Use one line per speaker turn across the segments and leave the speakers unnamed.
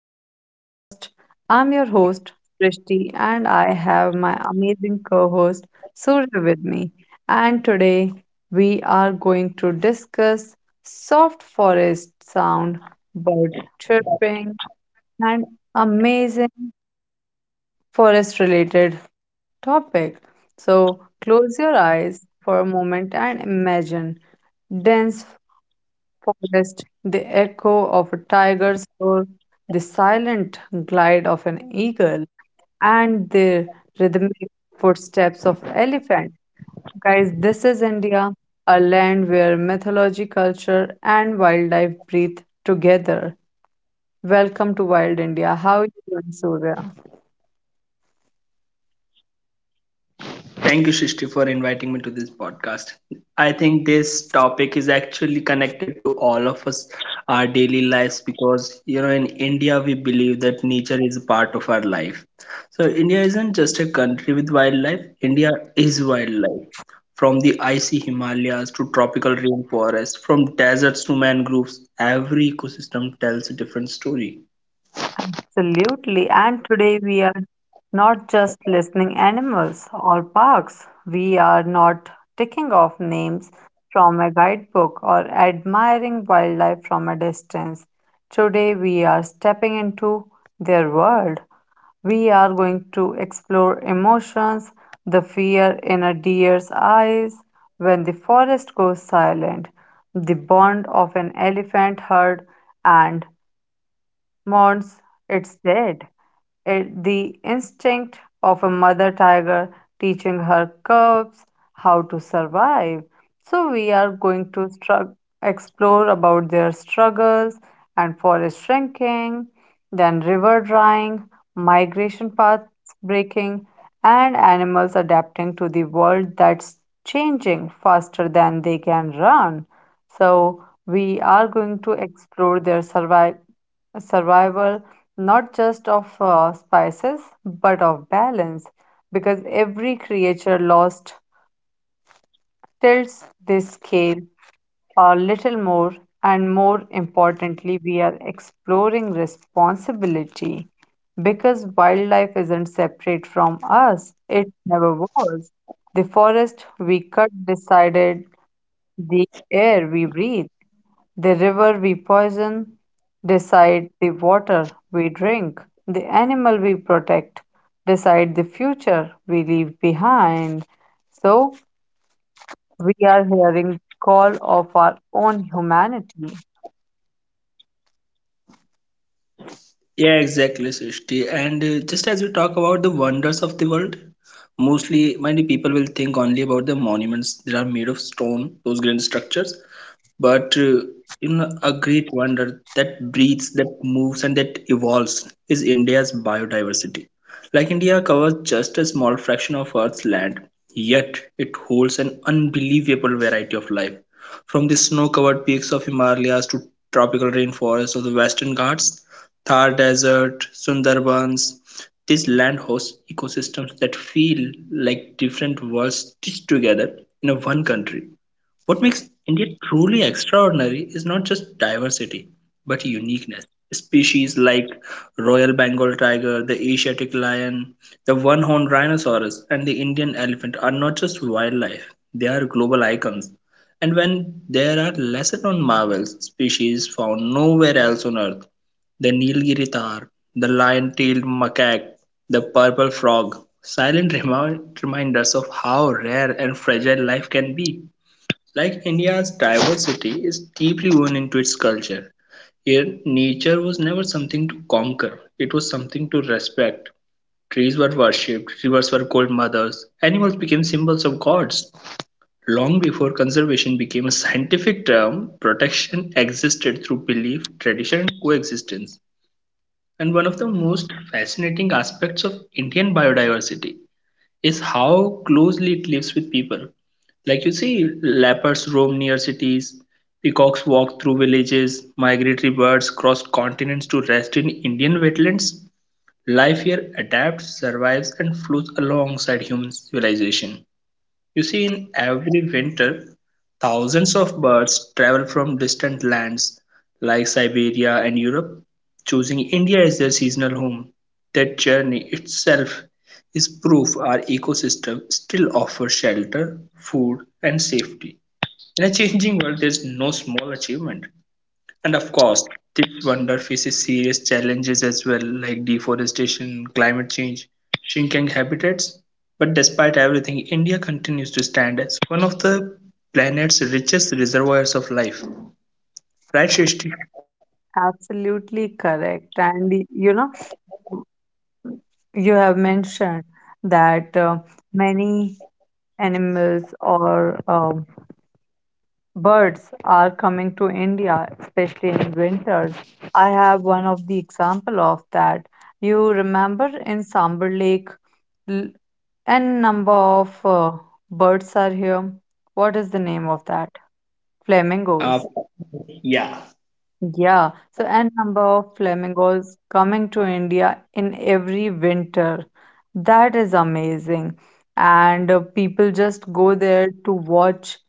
my podcast. I'm your host, Prishti, and I have my amazing co host, Surya, with me. And today we are going to discuss soft forest sound, bird chirping, and amazing forest related topic. So close your eyes for a moment and imagine dense forest, the echo of a tiger's roar, the silent glide of an eagle, and the rhythmic footsteps of elephant. Guys, this is India, a land where mythology, culture, and wildlife breathe together. Welcome to Wild India. How are you doing, Surya?
Thank you, Shishti, for inviting me to this podcast. I think this topic is actually connected to all of us, our daily lives, because, in India, we believe that nature is a part of our life. So, India isn't just a country with wildlife, India is wildlife. From the icy Himalayas to tropical rainforests, from deserts to mangroves, every ecosystem tells a different story.
Absolutely. And today we are not just listening animals or parks. We are not ticking off names from a guidebook or admiring wildlife from a distance. Today we are stepping into their world. We are going to explore emotions, the fear in a deer's eyes when the forest goes silent, the bond of an elephant herd and mourns its dead. The instinct of a mother tiger teaching her cubs how to survive. So we are going to explore about their struggles and forest shrinking, then river drying, migration paths breaking, and animals adapting to the world that's changing faster than they can run. So we are going to explore their survival, a survival not just of spices but of balance, because every creature lost tilts this scale a little more. And more importantly, we are exploring responsibility because wildlife isn't separate from us. It never was. The forest we cut decided the air we breathe. The river we poison, decide the water we drink. The animal we protect, decide the future we leave behind. So, we are hearing the call of our own humanity.
Yeah, exactly, Srishti. And just as we talk about the wonders of the world, mostly many people will think only about the monuments that are made of stone, those grand structures, but you know a that breathes, that moves, and that evolves is India's biodiversity. Like India covers just a small fraction of Earth's land, yet it holds an unbelievable variety of life, from the snow-covered peaks of Himalayas to tropical rainforests of the Western Ghats, Thar Desert, Sundarbans. This land hosts ecosystems that feel like different worlds stitched together in a one country. What makes India truly extraordinary is not just diversity, but uniqueness. Species like Royal Bengal tiger, the Asiatic lion, the one horned rhinoceros, and the Indian elephant are not just wildlife, they are global icons. And when there are lesser known marvels, species found nowhere else on earth, the Nilgiri tar, the lion tailed macaque, the purple frog, silent reminders of how rare and fragile life can be. Like India's diversity is deeply woven into its culture. Here, nature was never something to conquer, it was something to respect. Trees were worshipped, rivers were called mothers, animals became symbols of gods. Long before conservation became a scientific term, protection existed through belief, tradition, and coexistence. And one of the most fascinating aspects of Indian biodiversity is how closely it lives with people. Like you see, leopards roam near cities, peacocks walk through villages, migratory birds cross continents to rest in Indian wetlands. Life here adapts, survives, and flows alongside human civilization. You see, in every winter, thousands of birds travel from distant lands like Siberia and Europe, choosing India as their seasonal home. That journey itself is proof our ecosystem still offers shelter, food, and safety. In a changing world, there's no small achievement. And of course, this wonder faces serious challenges as well, like deforestation, climate change, shrinking habitats. But despite everything, India continues to stand as one of the planet's richest reservoirs of life. Right, Shishti?
Absolutely correct. And you know, you have mentioned that many animals or birds are coming to India, especially in winters. I have one of the example of that. You remember in Sambar Lake, l- n number of birds are here. What is the name of that?
Uh,
Flamingos.
yeah,
Yeah, so a number of flamingos coming to India in every winter. That is amazing. And people just go there to watch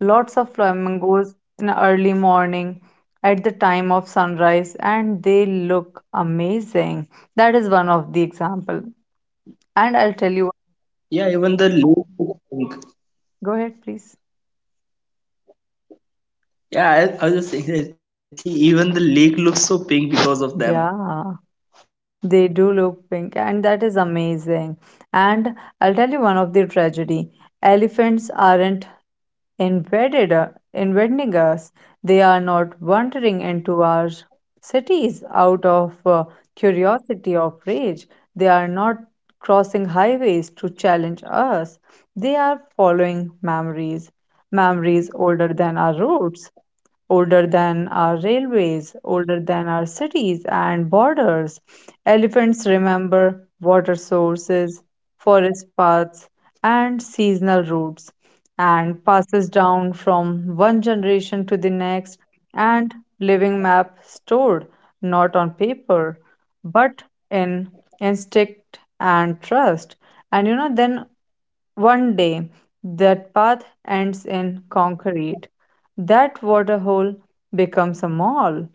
lots of flamingos in the early morning at the time of sunrise and they look amazing. That is one of the example.
yeah.
And
Even
I'll
the
tell you,
lake looks pink.
go ahead, please.
Yeah, I was just saying that even the lake looks so pink because of them.
Yeah. They do look pink, and that is amazing. And I'll tell you one of the tragedy. Elephants aren't invading us. They are not wandering into our cities out of curiosity or rage. They are not crossing highways to challenge us. They are following memories, memories older than our roots, older than our railways, older than our cities and borders. Elephants remember water sources, forest paths, and seasonal routes, and passes down from one generation to the next, and living map stored not on paper but in instinct and trust. And you know, then one day, that path ends in concrete. That waterhole becomes a mall.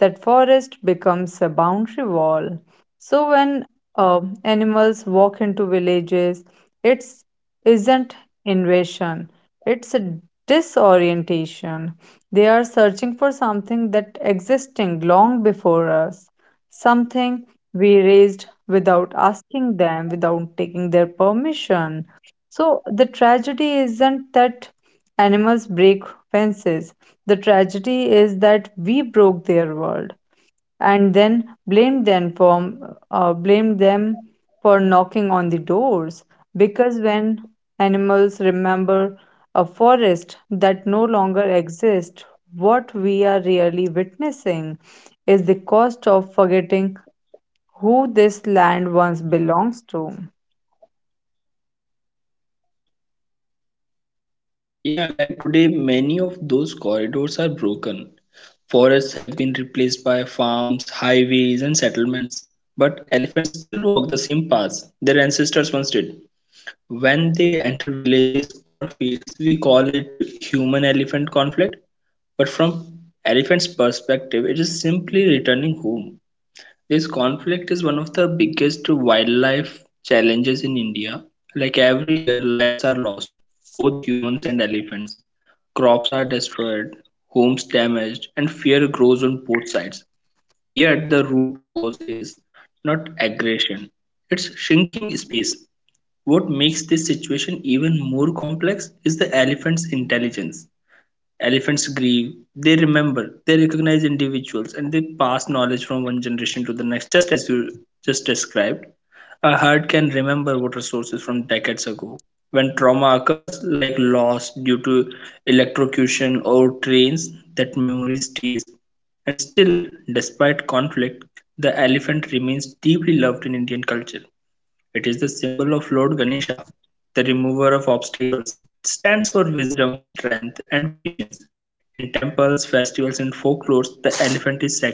That forest becomes a boundary wall. So when animals walk into villages, it's isn't invasion. It's a disorientation. They are searching for something that existing long before us, something we raised without asking them, without taking their permission. So the tragedy isn't that animals break fences. The tragedy is that we broke their world and then blamed them for knocking on the doors. Because when animals remember a forest that no longer exists, what we are really witnessing is the cost of forgetting who this land once belongs to.
Yeah, like today, many of those corridors are broken. Forests have been replaced by farms, highways, and settlements. But elephants still walk the same paths their ancestors once did. When they enter villages or fields, we call it human elephant conflict. But from elephant's it is simply returning home. This conflict is one of the biggest wildlife challenges in India. Like every year, lives are lost, both humans and elephants. Crops are destroyed, homes damaged, and fear grows on both sides. Yet the root cause is not aggression, it's shrinking space. What makes this situation even more complex is the elephant's intelligence. Elephants grieve, they remember, they recognize individuals, and they pass knowledge from one generation to the next, just as you just described. A herd can remember water sources from decades ago. When trauma occurs, like loss due to electrocution or trains, that memory stays. And still, despite conflict, the elephant remains deeply loved in Indian culture. It is the symbol of Lord Ganesha, the remover of obstacles. It stands for wisdom, strength, and patience. In temples, festivals, and folklore, the elephant is sacred,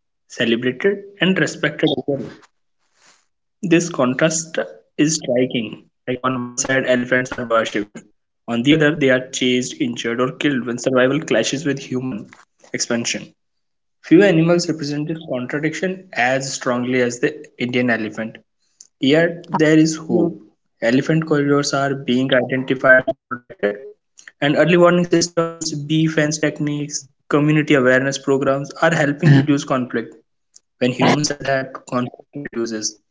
celebrated, and respected as well. This contrast is striking. Like on one side, elephants are worshipped. On the other, they are chased, injured, or killed when survival clashes with human expansion. Few animals represent this contradiction as strongly as the Indian elephant. Yet there is hope. Elephant corridors are being identified and protected, and early warning systems, bee fence techniques, community awareness programs are helping reduce conflict. When humans adapt, conflict reduces,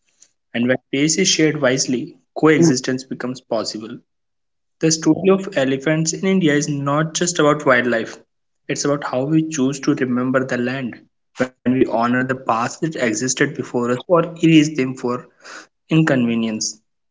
and when space is shared wisely, coexistence becomes possible. The story of elephants in India is not just about wildlife, it's about how we choose to remember the land, when we honor the past that existed before us or erase them for inconvenience.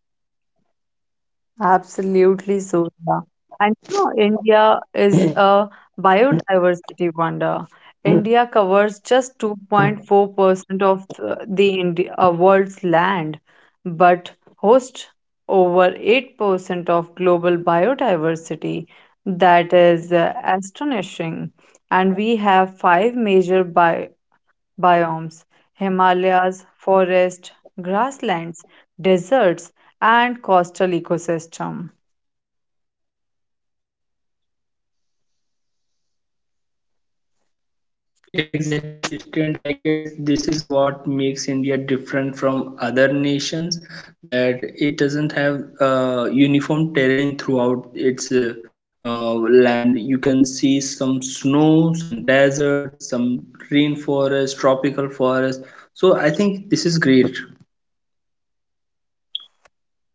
Absolutely, so, yeah. And you know, India is a biodiversity wonder. India covers just 2.4% of the world's land, but hosts over 8% of global biodiversity. That is astonishing. And we have five major biomes: Himalayas, forest, grasslands, deserts, and coastal ecosystem.
Yeah, exactly, sister. And I guess this is what makes India different from other nations, that it doesn't have uniform terrain throughout its land. You can see some snow, some desert, some rainforest, tropical forest. So I think this is great.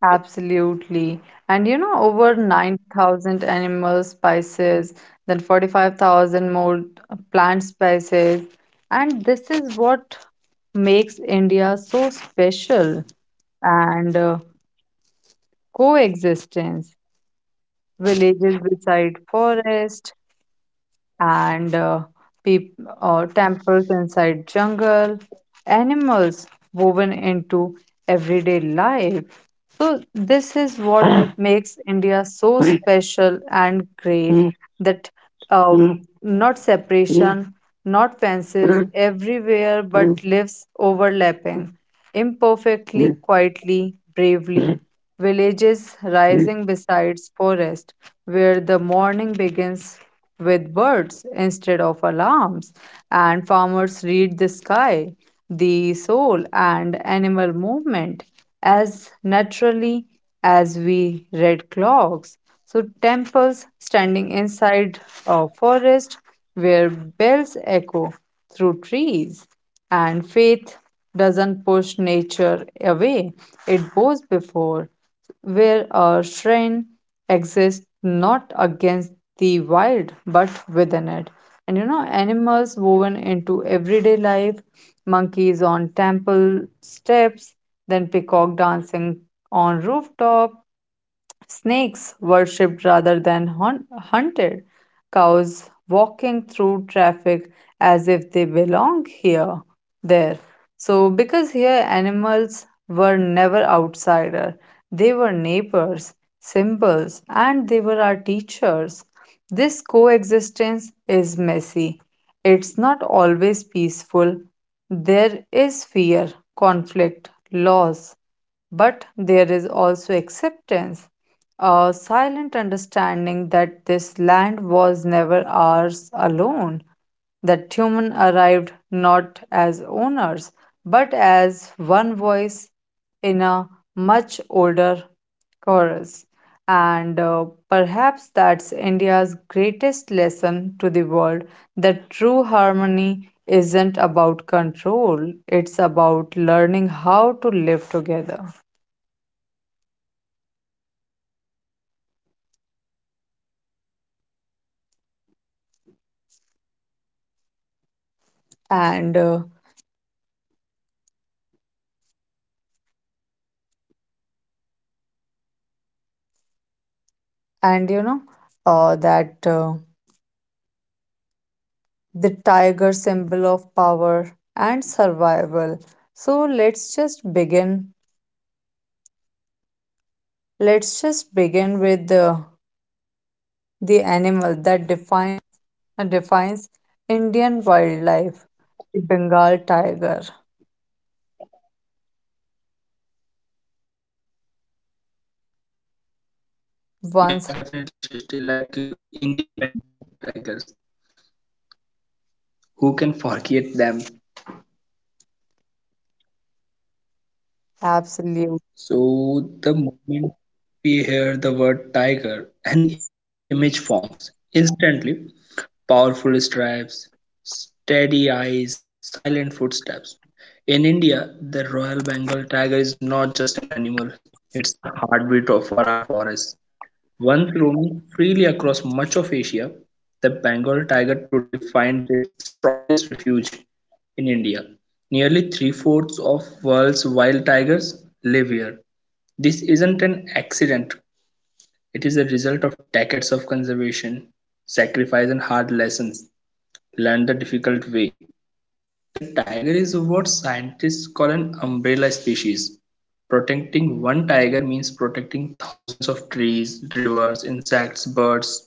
Absolutely. And you know, over 9,000 animal species, then 45,000 more plant species. And this is what makes India so special. And coexistence, villages beside forest, and peop- temples inside jungle, animals woven into everyday life. So this is what makes India so special and great that not separation, not fences everywhere, but lives overlapping, imperfectly, quietly, bravely. Villages rising besides forest, where the morning begins with birds instead of alarms, and farmers read the sky, the soul, and animal movement as naturally as we read clocks. So, temples standing inside a forest where bells echo through trees. And faith doesn't push nature away, it goes before, where a shrine exist not against the wild but within it. And you know, animals woven into everyday life, monkeys on temple steps, then peacock dancing on rooftop, snakes worshipped rather than hunted. Cows walking through traffic as if they belong here, there. So, because here animals were never outsider, they were neighbors, symbols, and they were our teachers. This coexistence is messy. It's not always peaceful. There is fear, conflict, loss, but there is also acceptance, a silent understanding that this land was never ours alone, that human arrived not as owners, but as one voice in a much older chorus. And perhaps that's India's greatest lesson to the world, that true harmony isn't about control, it's about learning how to live together. And uh, and you know that the tiger, symbol of power and survival, so let's just begin with the animal that defines Indian wildlife, the Bengal tiger once.
Yeah, definitely, Shishti. Like Indian Bengal Tigers, who can forget them?
Absolute
So the moment we hear the word tiger, an image forms instantly. Powerful stripes, steady eyes, silent footsteps. In India, the Royal Bengal tiger is not just an animal; it's the heartbeat of for our forests. Once roaming freely across much of Asia, the Bengal tiger today finds its strongest refuge in India. Nearly three-fourths of world's wild tigers live here. This isn't an accident. It is a result of decades of conservation, sacrifice and hard lessons learned the difficult way. The tiger is what scientists call an umbrella species. Protecting one tiger means protecting thousands of trees, rivers, insects, birds,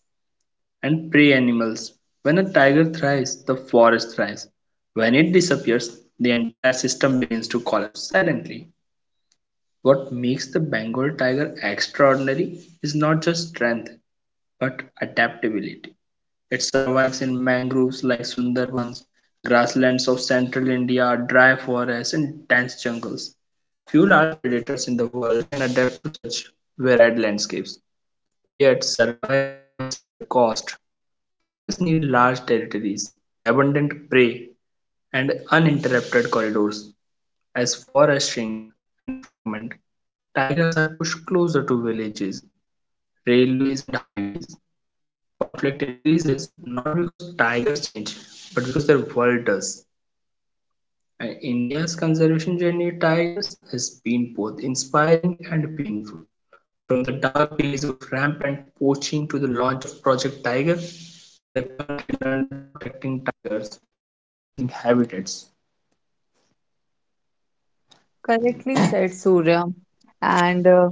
and prey animals. When a tiger thrives, the forest thrives. When it disappears, the entire system begins to collapse silently. What makes the Bengal tiger extraordinary is not just strength, but adaptability. It survives in mangroves like Sundarbans, grasslands of central India, dry forests, and dense jungles. Few large predators in the world can adapt to such varied landscapes. Yet survival comes at a cost. Tigers need large territories, abundant prey, and uninterrupted corridors. As forests shrink and fragment, tigers are pushed closer to villages, railways, and highways. Conflict increases not because tigers change, but because their world does. And India's conservation journey with tigers has been both inspiring and painful. From the dark days of rampant poaching to the launch of Project Tiger, the country learned.
Correctly said, Surya. And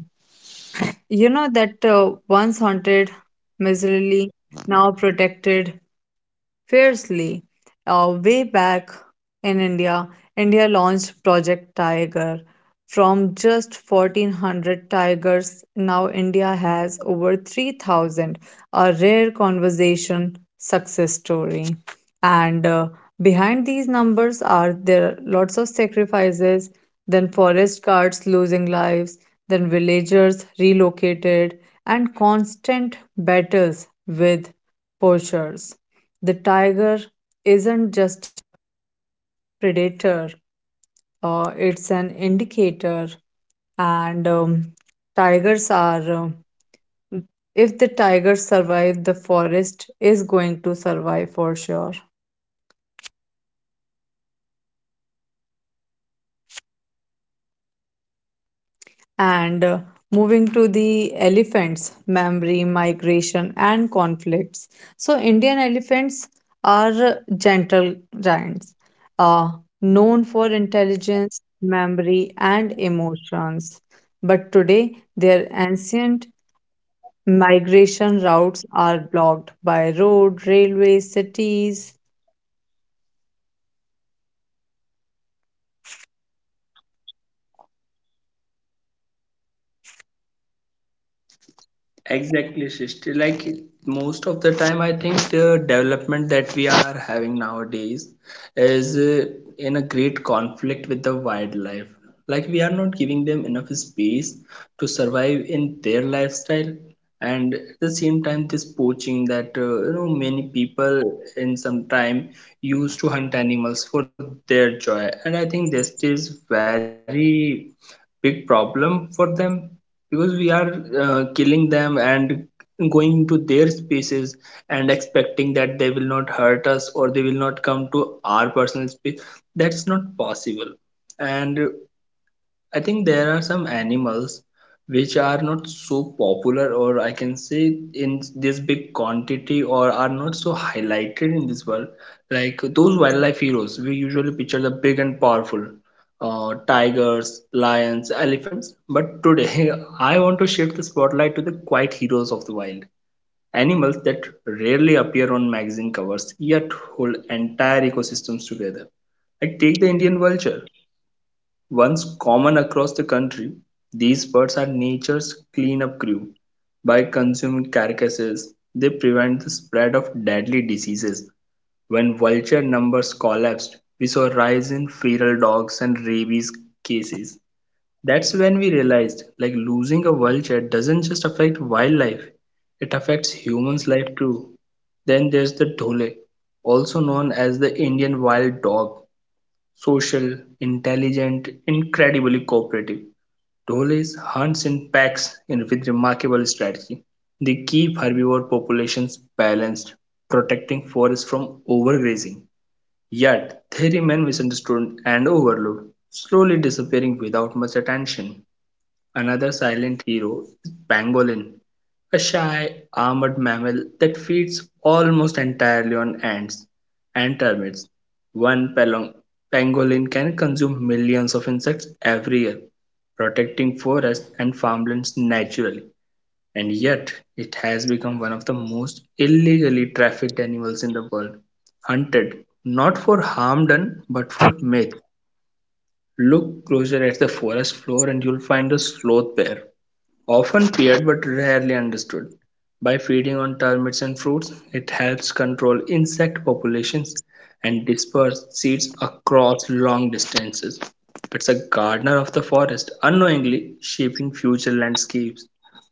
you know that once hunted miserably, now protected fiercely. Way back in India, India launched Project Tiger. From just 1,400 tigers, now India has over 3,000, a rare conservation success story. And behind these numbers are there lots of sacrifices, then forest guards losing lives, then villagers relocated, and constant battles with poachers. The tiger isn't just predator, it's an indicator, and tigers are if the tiger survive the forest is going to survive for sure. And moving to the elephants, memory, migration, and conflicts. So, Indian elephants are gentle giants, uh, known for intelligence, memory, and emotions. But today, their ancient migration routes are blocked by road, railways, cities.
Exactly, Srishti. Like most of the time, I think the development that we are having nowadays is in a great conflict with the wildlife. Like we are not giving them enough space to survive in their lifestyle, and at the same time, this poaching that many people in some time used to hunt animals for their joy, and I think this is very big problem for them because we are killing them and going to their spaces and expecting that they will not hurt us or they will not come to our personal space, that's not possible. And I think there are some animals which are not so popular, or I can say in this big quantity, or are not so highlighted in this world. Like those wildlife heroes, we usually picture the big and powerful tigers, lions, elephants. But today, I want to shift the spotlight to the quiet heroes of the wild. Animals that rarely appear on magazine covers yet hold entire ecosystems together. Like take the Indian vulture. Once common across the country, these birds are nature's cleanup crew. By consuming carcasses, they prevent the spread of deadly diseases. When vulture numbers collapsed, we saw a rise in feral dogs and rabies cases. That's when we realized like losing a vulture doesn't just affect wildlife, it affects humans' life too. Then there's the dhole, also known as the Indian wild dog. Social, intelligent, incredibly cooperative, Doles hunts in packs in- with remarkable strategy. They keep herbivore populations balanced, protecting forests overgrazing. Yet, they remain misunderstood and overlooked, slowly disappearing without much attention. Another silent hero is pangolin, a shy, armored mammal that feeds almost entirely on ants and termites. One pangolin can consume millions of insects every year, protecting forests and farmlands naturally. And yet, it has become one of the most illegally trafficked animals in the world. Hunted not for harm done, but for myth. Look closer at the forest floor and you'll find a sloth bear. Often feared but rarely understood, by feeding on termites and fruits, it helps control insect populations and disperse seeds across long distances. It's a gardener of the forest, unknowingly shaping future landscapes.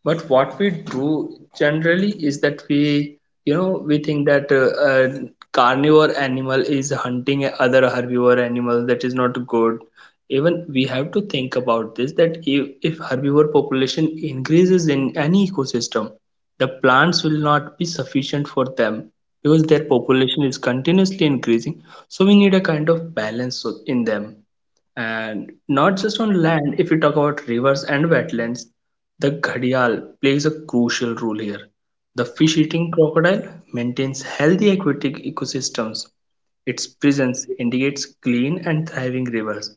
But what we do generally is that we think that a carnivore animal is hunting a other herbivore animal, that is not good. Even we have to think about this, that if herbivore population increases in any ecosystem, the plants will not be sufficient for them because their population is continuously increasing, so we need a kind of balance in them. And not just on land, if we talk about rivers and wetlands, the ghadial plays a crucial role here. The fish eating crocodile maintains healthy aquatic ecosystems. Its presence indicates clean and thriving rivers.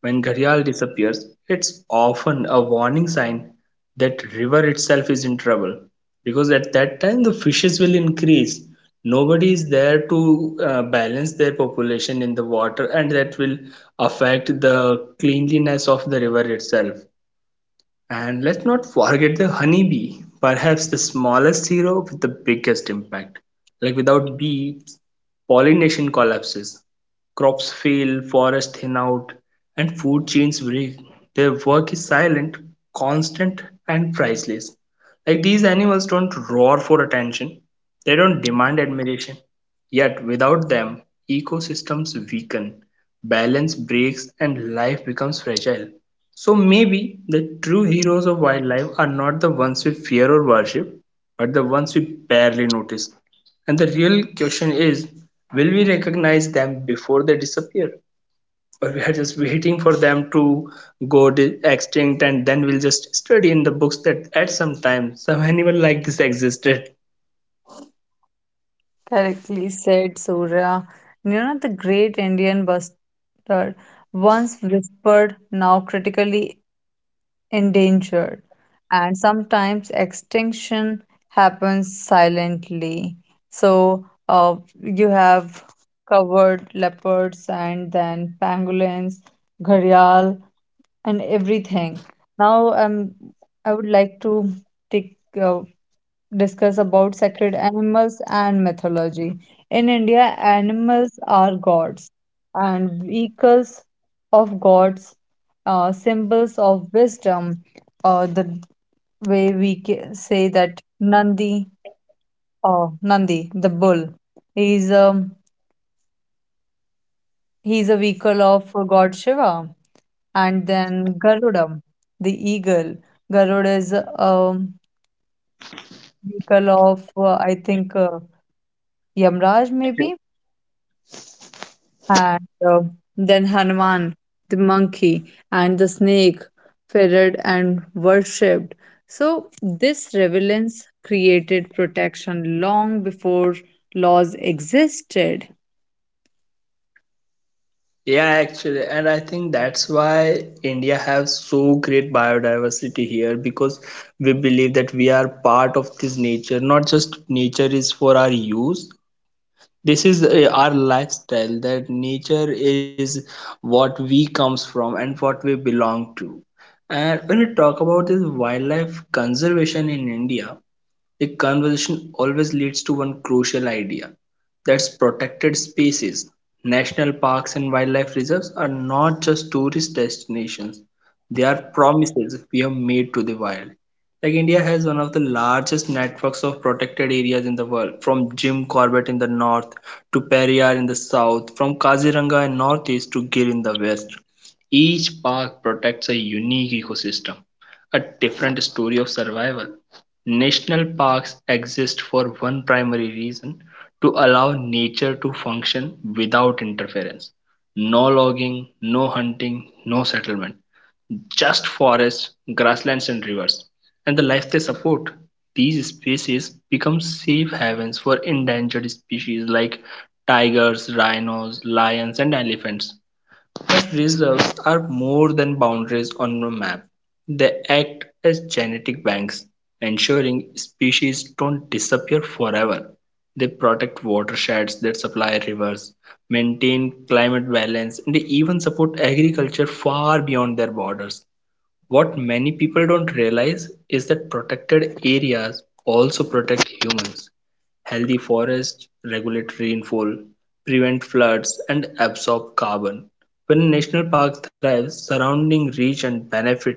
When ghadial disappears, it's often a warning sign that river itself is in trouble because at that time the fishes will increase, nobody is there to balance their population in the water, and that will affect the cleanliness of the river itself. And let's not forget the honeybee, perhaps the smallest hero with the biggest impact. Like without bees, pollination collapses, crops fail, forests thin out, and food chains break. Their work is silent, constant, and priceless. Like these animals don't roar for attention, they don't demand admiration. Yet without them, ecosystems weaken, balance breaks, and life becomes fragile. So maybe the true heroes of wildlife are not the ones we fear or worship, but the ones we barely notice. And the real question is, will we recognize them before they disappear? Or we are just waiting for them to extinct and then we'll just study in the books that at some time some animal like this existed.
Correctly said, Surya. You know, the great Indian buster, once whispered, now critically endangered. And sometimes extinction happens silently. So, you have covered leopards and then pangolins, gharial and everything. Now, I would like to take uh, discuss about sacred animals and mythology. In India, animals are gods and vehicles of gods, symbols of wisdom. The way we say that Nandi, or Nandi, the bull, is a is a vehicle of god Shiva. And then Garuda, the eagle. Garuda is a vehicle of, I think, Yamraj maybe. And then Hanuman, the monkey, and the snake, feared and worshipped. So this relevance created protection long before laws existed.
Yeah, actually, and I think that's why India has so great biodiversity here because we believe that we are part of this nature. Not just nature is for our use. This is our lifestyle, that nature is what we comes from and what we belong to. And when we talk about this wildlife conservation in India, the conversation always leads to one crucial idea: that protected spaces, national parks and wildlife reserves, are not just tourist destinations. They are promises we have made to the wild. Like India has one of the largest networks of protected areas in the world, from Jim Corbett in the north to Periyar in the south, from Kaziranga in northeast to Gir in the west. Each park protects a unique ecosystem, a different story of survival. National parks exist for one primary reason: to allow nature to function without interference. No logging, no hunting, no settlement, just forests, grasslands, and rivers. And the life they support. These species become safe havens for endangered species like tigers, rhinos, lions, and elephants. But reserves are more than boundaries on a map; they act as genetic banks, ensuring species don't disappear forever. They protect watersheds that supply rivers, maintain climate balance, and even support agriculture far beyond their borders. What many people don't realize is that protected areas also protect humans. Healthy forests regulate rainfall, prevent floods, and absorb carbon. When a national park thrives, surrounding regions benefit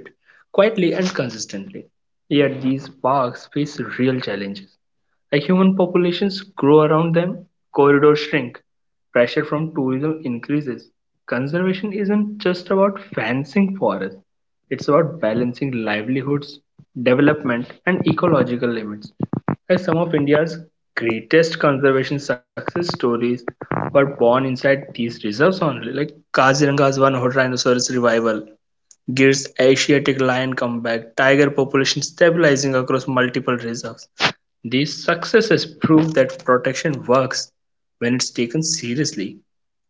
quietly and consistently. Yet these parks face real challenges. As human populations grow around them, corridors shrink, pressure from tourism increases. Conservation isn't just about fencing forests, it's about balancing livelihoods, development, and ecological limits. As some of India's greatest conservation success stories were born inside these reserves only, like Kaziranga's one horned rhinoceros revival, Gir's Asiatic lion comeback, tiger population stabilizing across multiple reserves. These successes prove that protection works when it's taken seriously.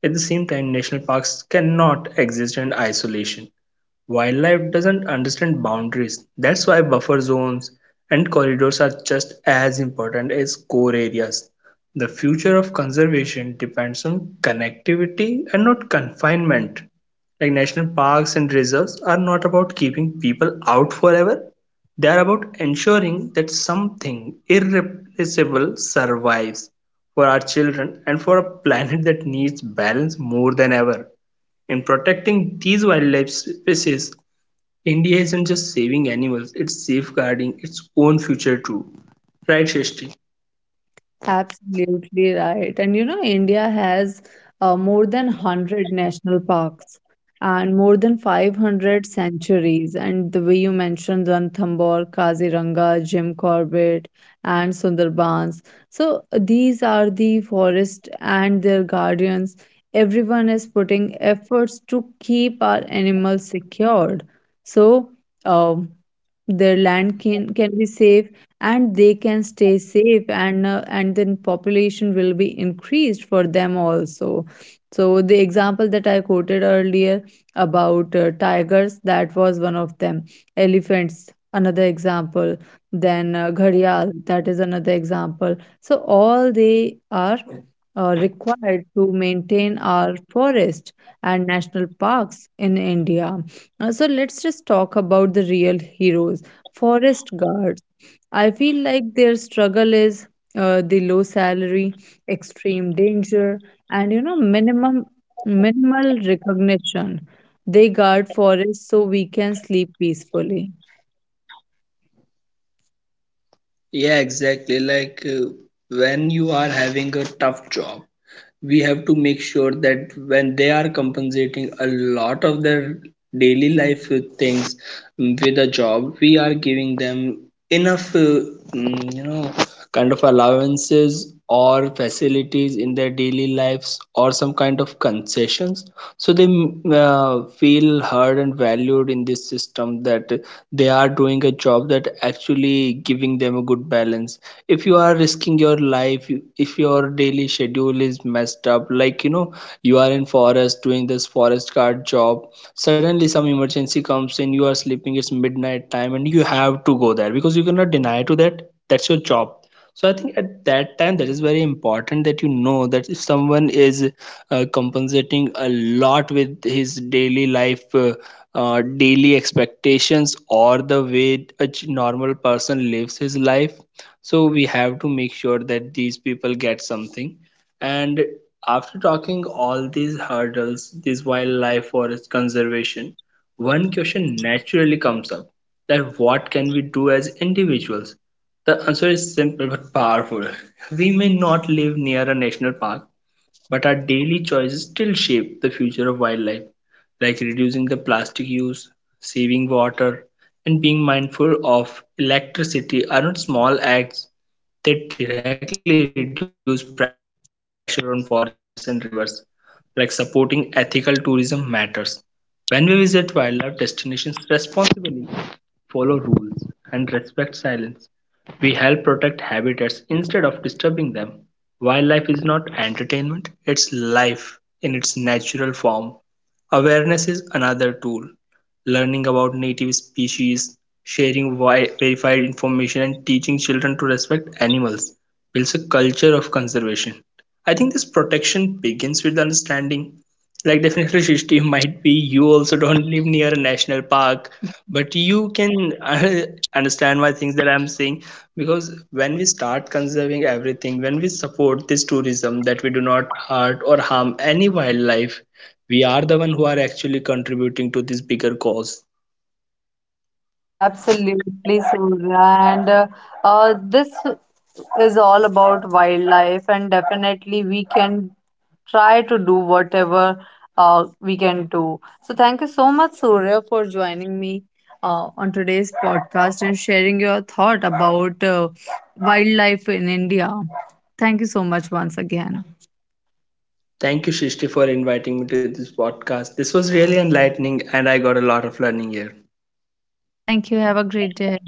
At the same time, national parks cannot exist in isolation. Wildlife doesn't understand boundaries. That's why buffer zones and corridors are just as important as core areas. The future of conservation depends on connectivity and not confinement. Like national parks and reserves are not about keeping people out forever, they are about ensuring that something irreplaceable survives, for our children and for a planet that needs balance more than ever. In protecting these wildlife species, India isn't just saving animals, it's safeguarding its own future too. Right, Shishti?
Absolutely right. And you know, India has more than 100 national parks and more than 500 sanctuaries. And the way you mentioned Ranthambore, Kaziranga, Jim Corbett, and Sundarbans. So, these are the forest and their guardians. Everyone is putting efforts to keep our animals secured. So, um, their land can be safe and they can stay safe, and then population will be increased for them also. So the example that I quoted earlier about tigers, that was one of them. Elephants, another example. Then gharial, that is another example. So all they are required to maintain our forest and national parks in India. So let's just talk about the real heroes, forest guards. I feel like their struggle is the low salary, extreme danger, and you know minimum minimal recognition. They guard forests so we can sleep peacefully.
Yeah, exactly. Like when you are having a tough job, we have to make sure that when they are compensating a lot of their daily life things with a job, we are giving them enough, you know, kind of allowances or facilities in their daily lives or some kind of concessions. So they feel heard and valued in this system, that they are doing a job that actually giving them a good balance. If you are risking your life, you-, if your daily schedule is messed up, like you know, you are in forest doing this forest guard job, suddenly some emergency comes in, you are sleeping, it's midnight time and you have to go there because you cannot deny to that. That's your job. So I think at that time that is very important, that you know that if someone is compensating a lot with his daily life, daily expectations or the way a normal person lives his life, so we have to make sure that these people get something. And after talking all these hurdles, this wildlife forest conservation, one question naturally comes up: that what can we do as individuals? The answer is simple but powerful. We may not live near a national park, but our daily choices still shape the future of wildlife, like reducing the plastic use, saving water, and being mindful of electricity are not small acts that directly reduce pressure on forests and rivers, like supporting ethical tourism matters. When we visit wildlife destinations responsibly, follow rules, and respect silence. We help protect habitats instead of disturbing them. Wildlife is not entertainment, it's life in its natural form. Awareness is another tool. Learning about native species, sharing verified information, and teaching children to respect animals builds a culture of conservation. I think this protection begins with understanding, like definitely Shishti don't live near a national park but you can understand my things that I'm saying, because when we start conserving everything, when we support this tourism that we do not hurt or harm any wildlife, we are the one who are actually contributing to this bigger cause.
Absolutely, Surya. And this is all about wildlife, and definitely we can try to do whatever we can do. So, thank you so much, Surya, for joining me on today's podcast and sharing your thought about wildlife in India. Thank you so much once again.
Thank you, Shishti, for inviting me to this podcast. This was really enlightening and I got a lot of learning here.
Yeah, thank you. Have a great day.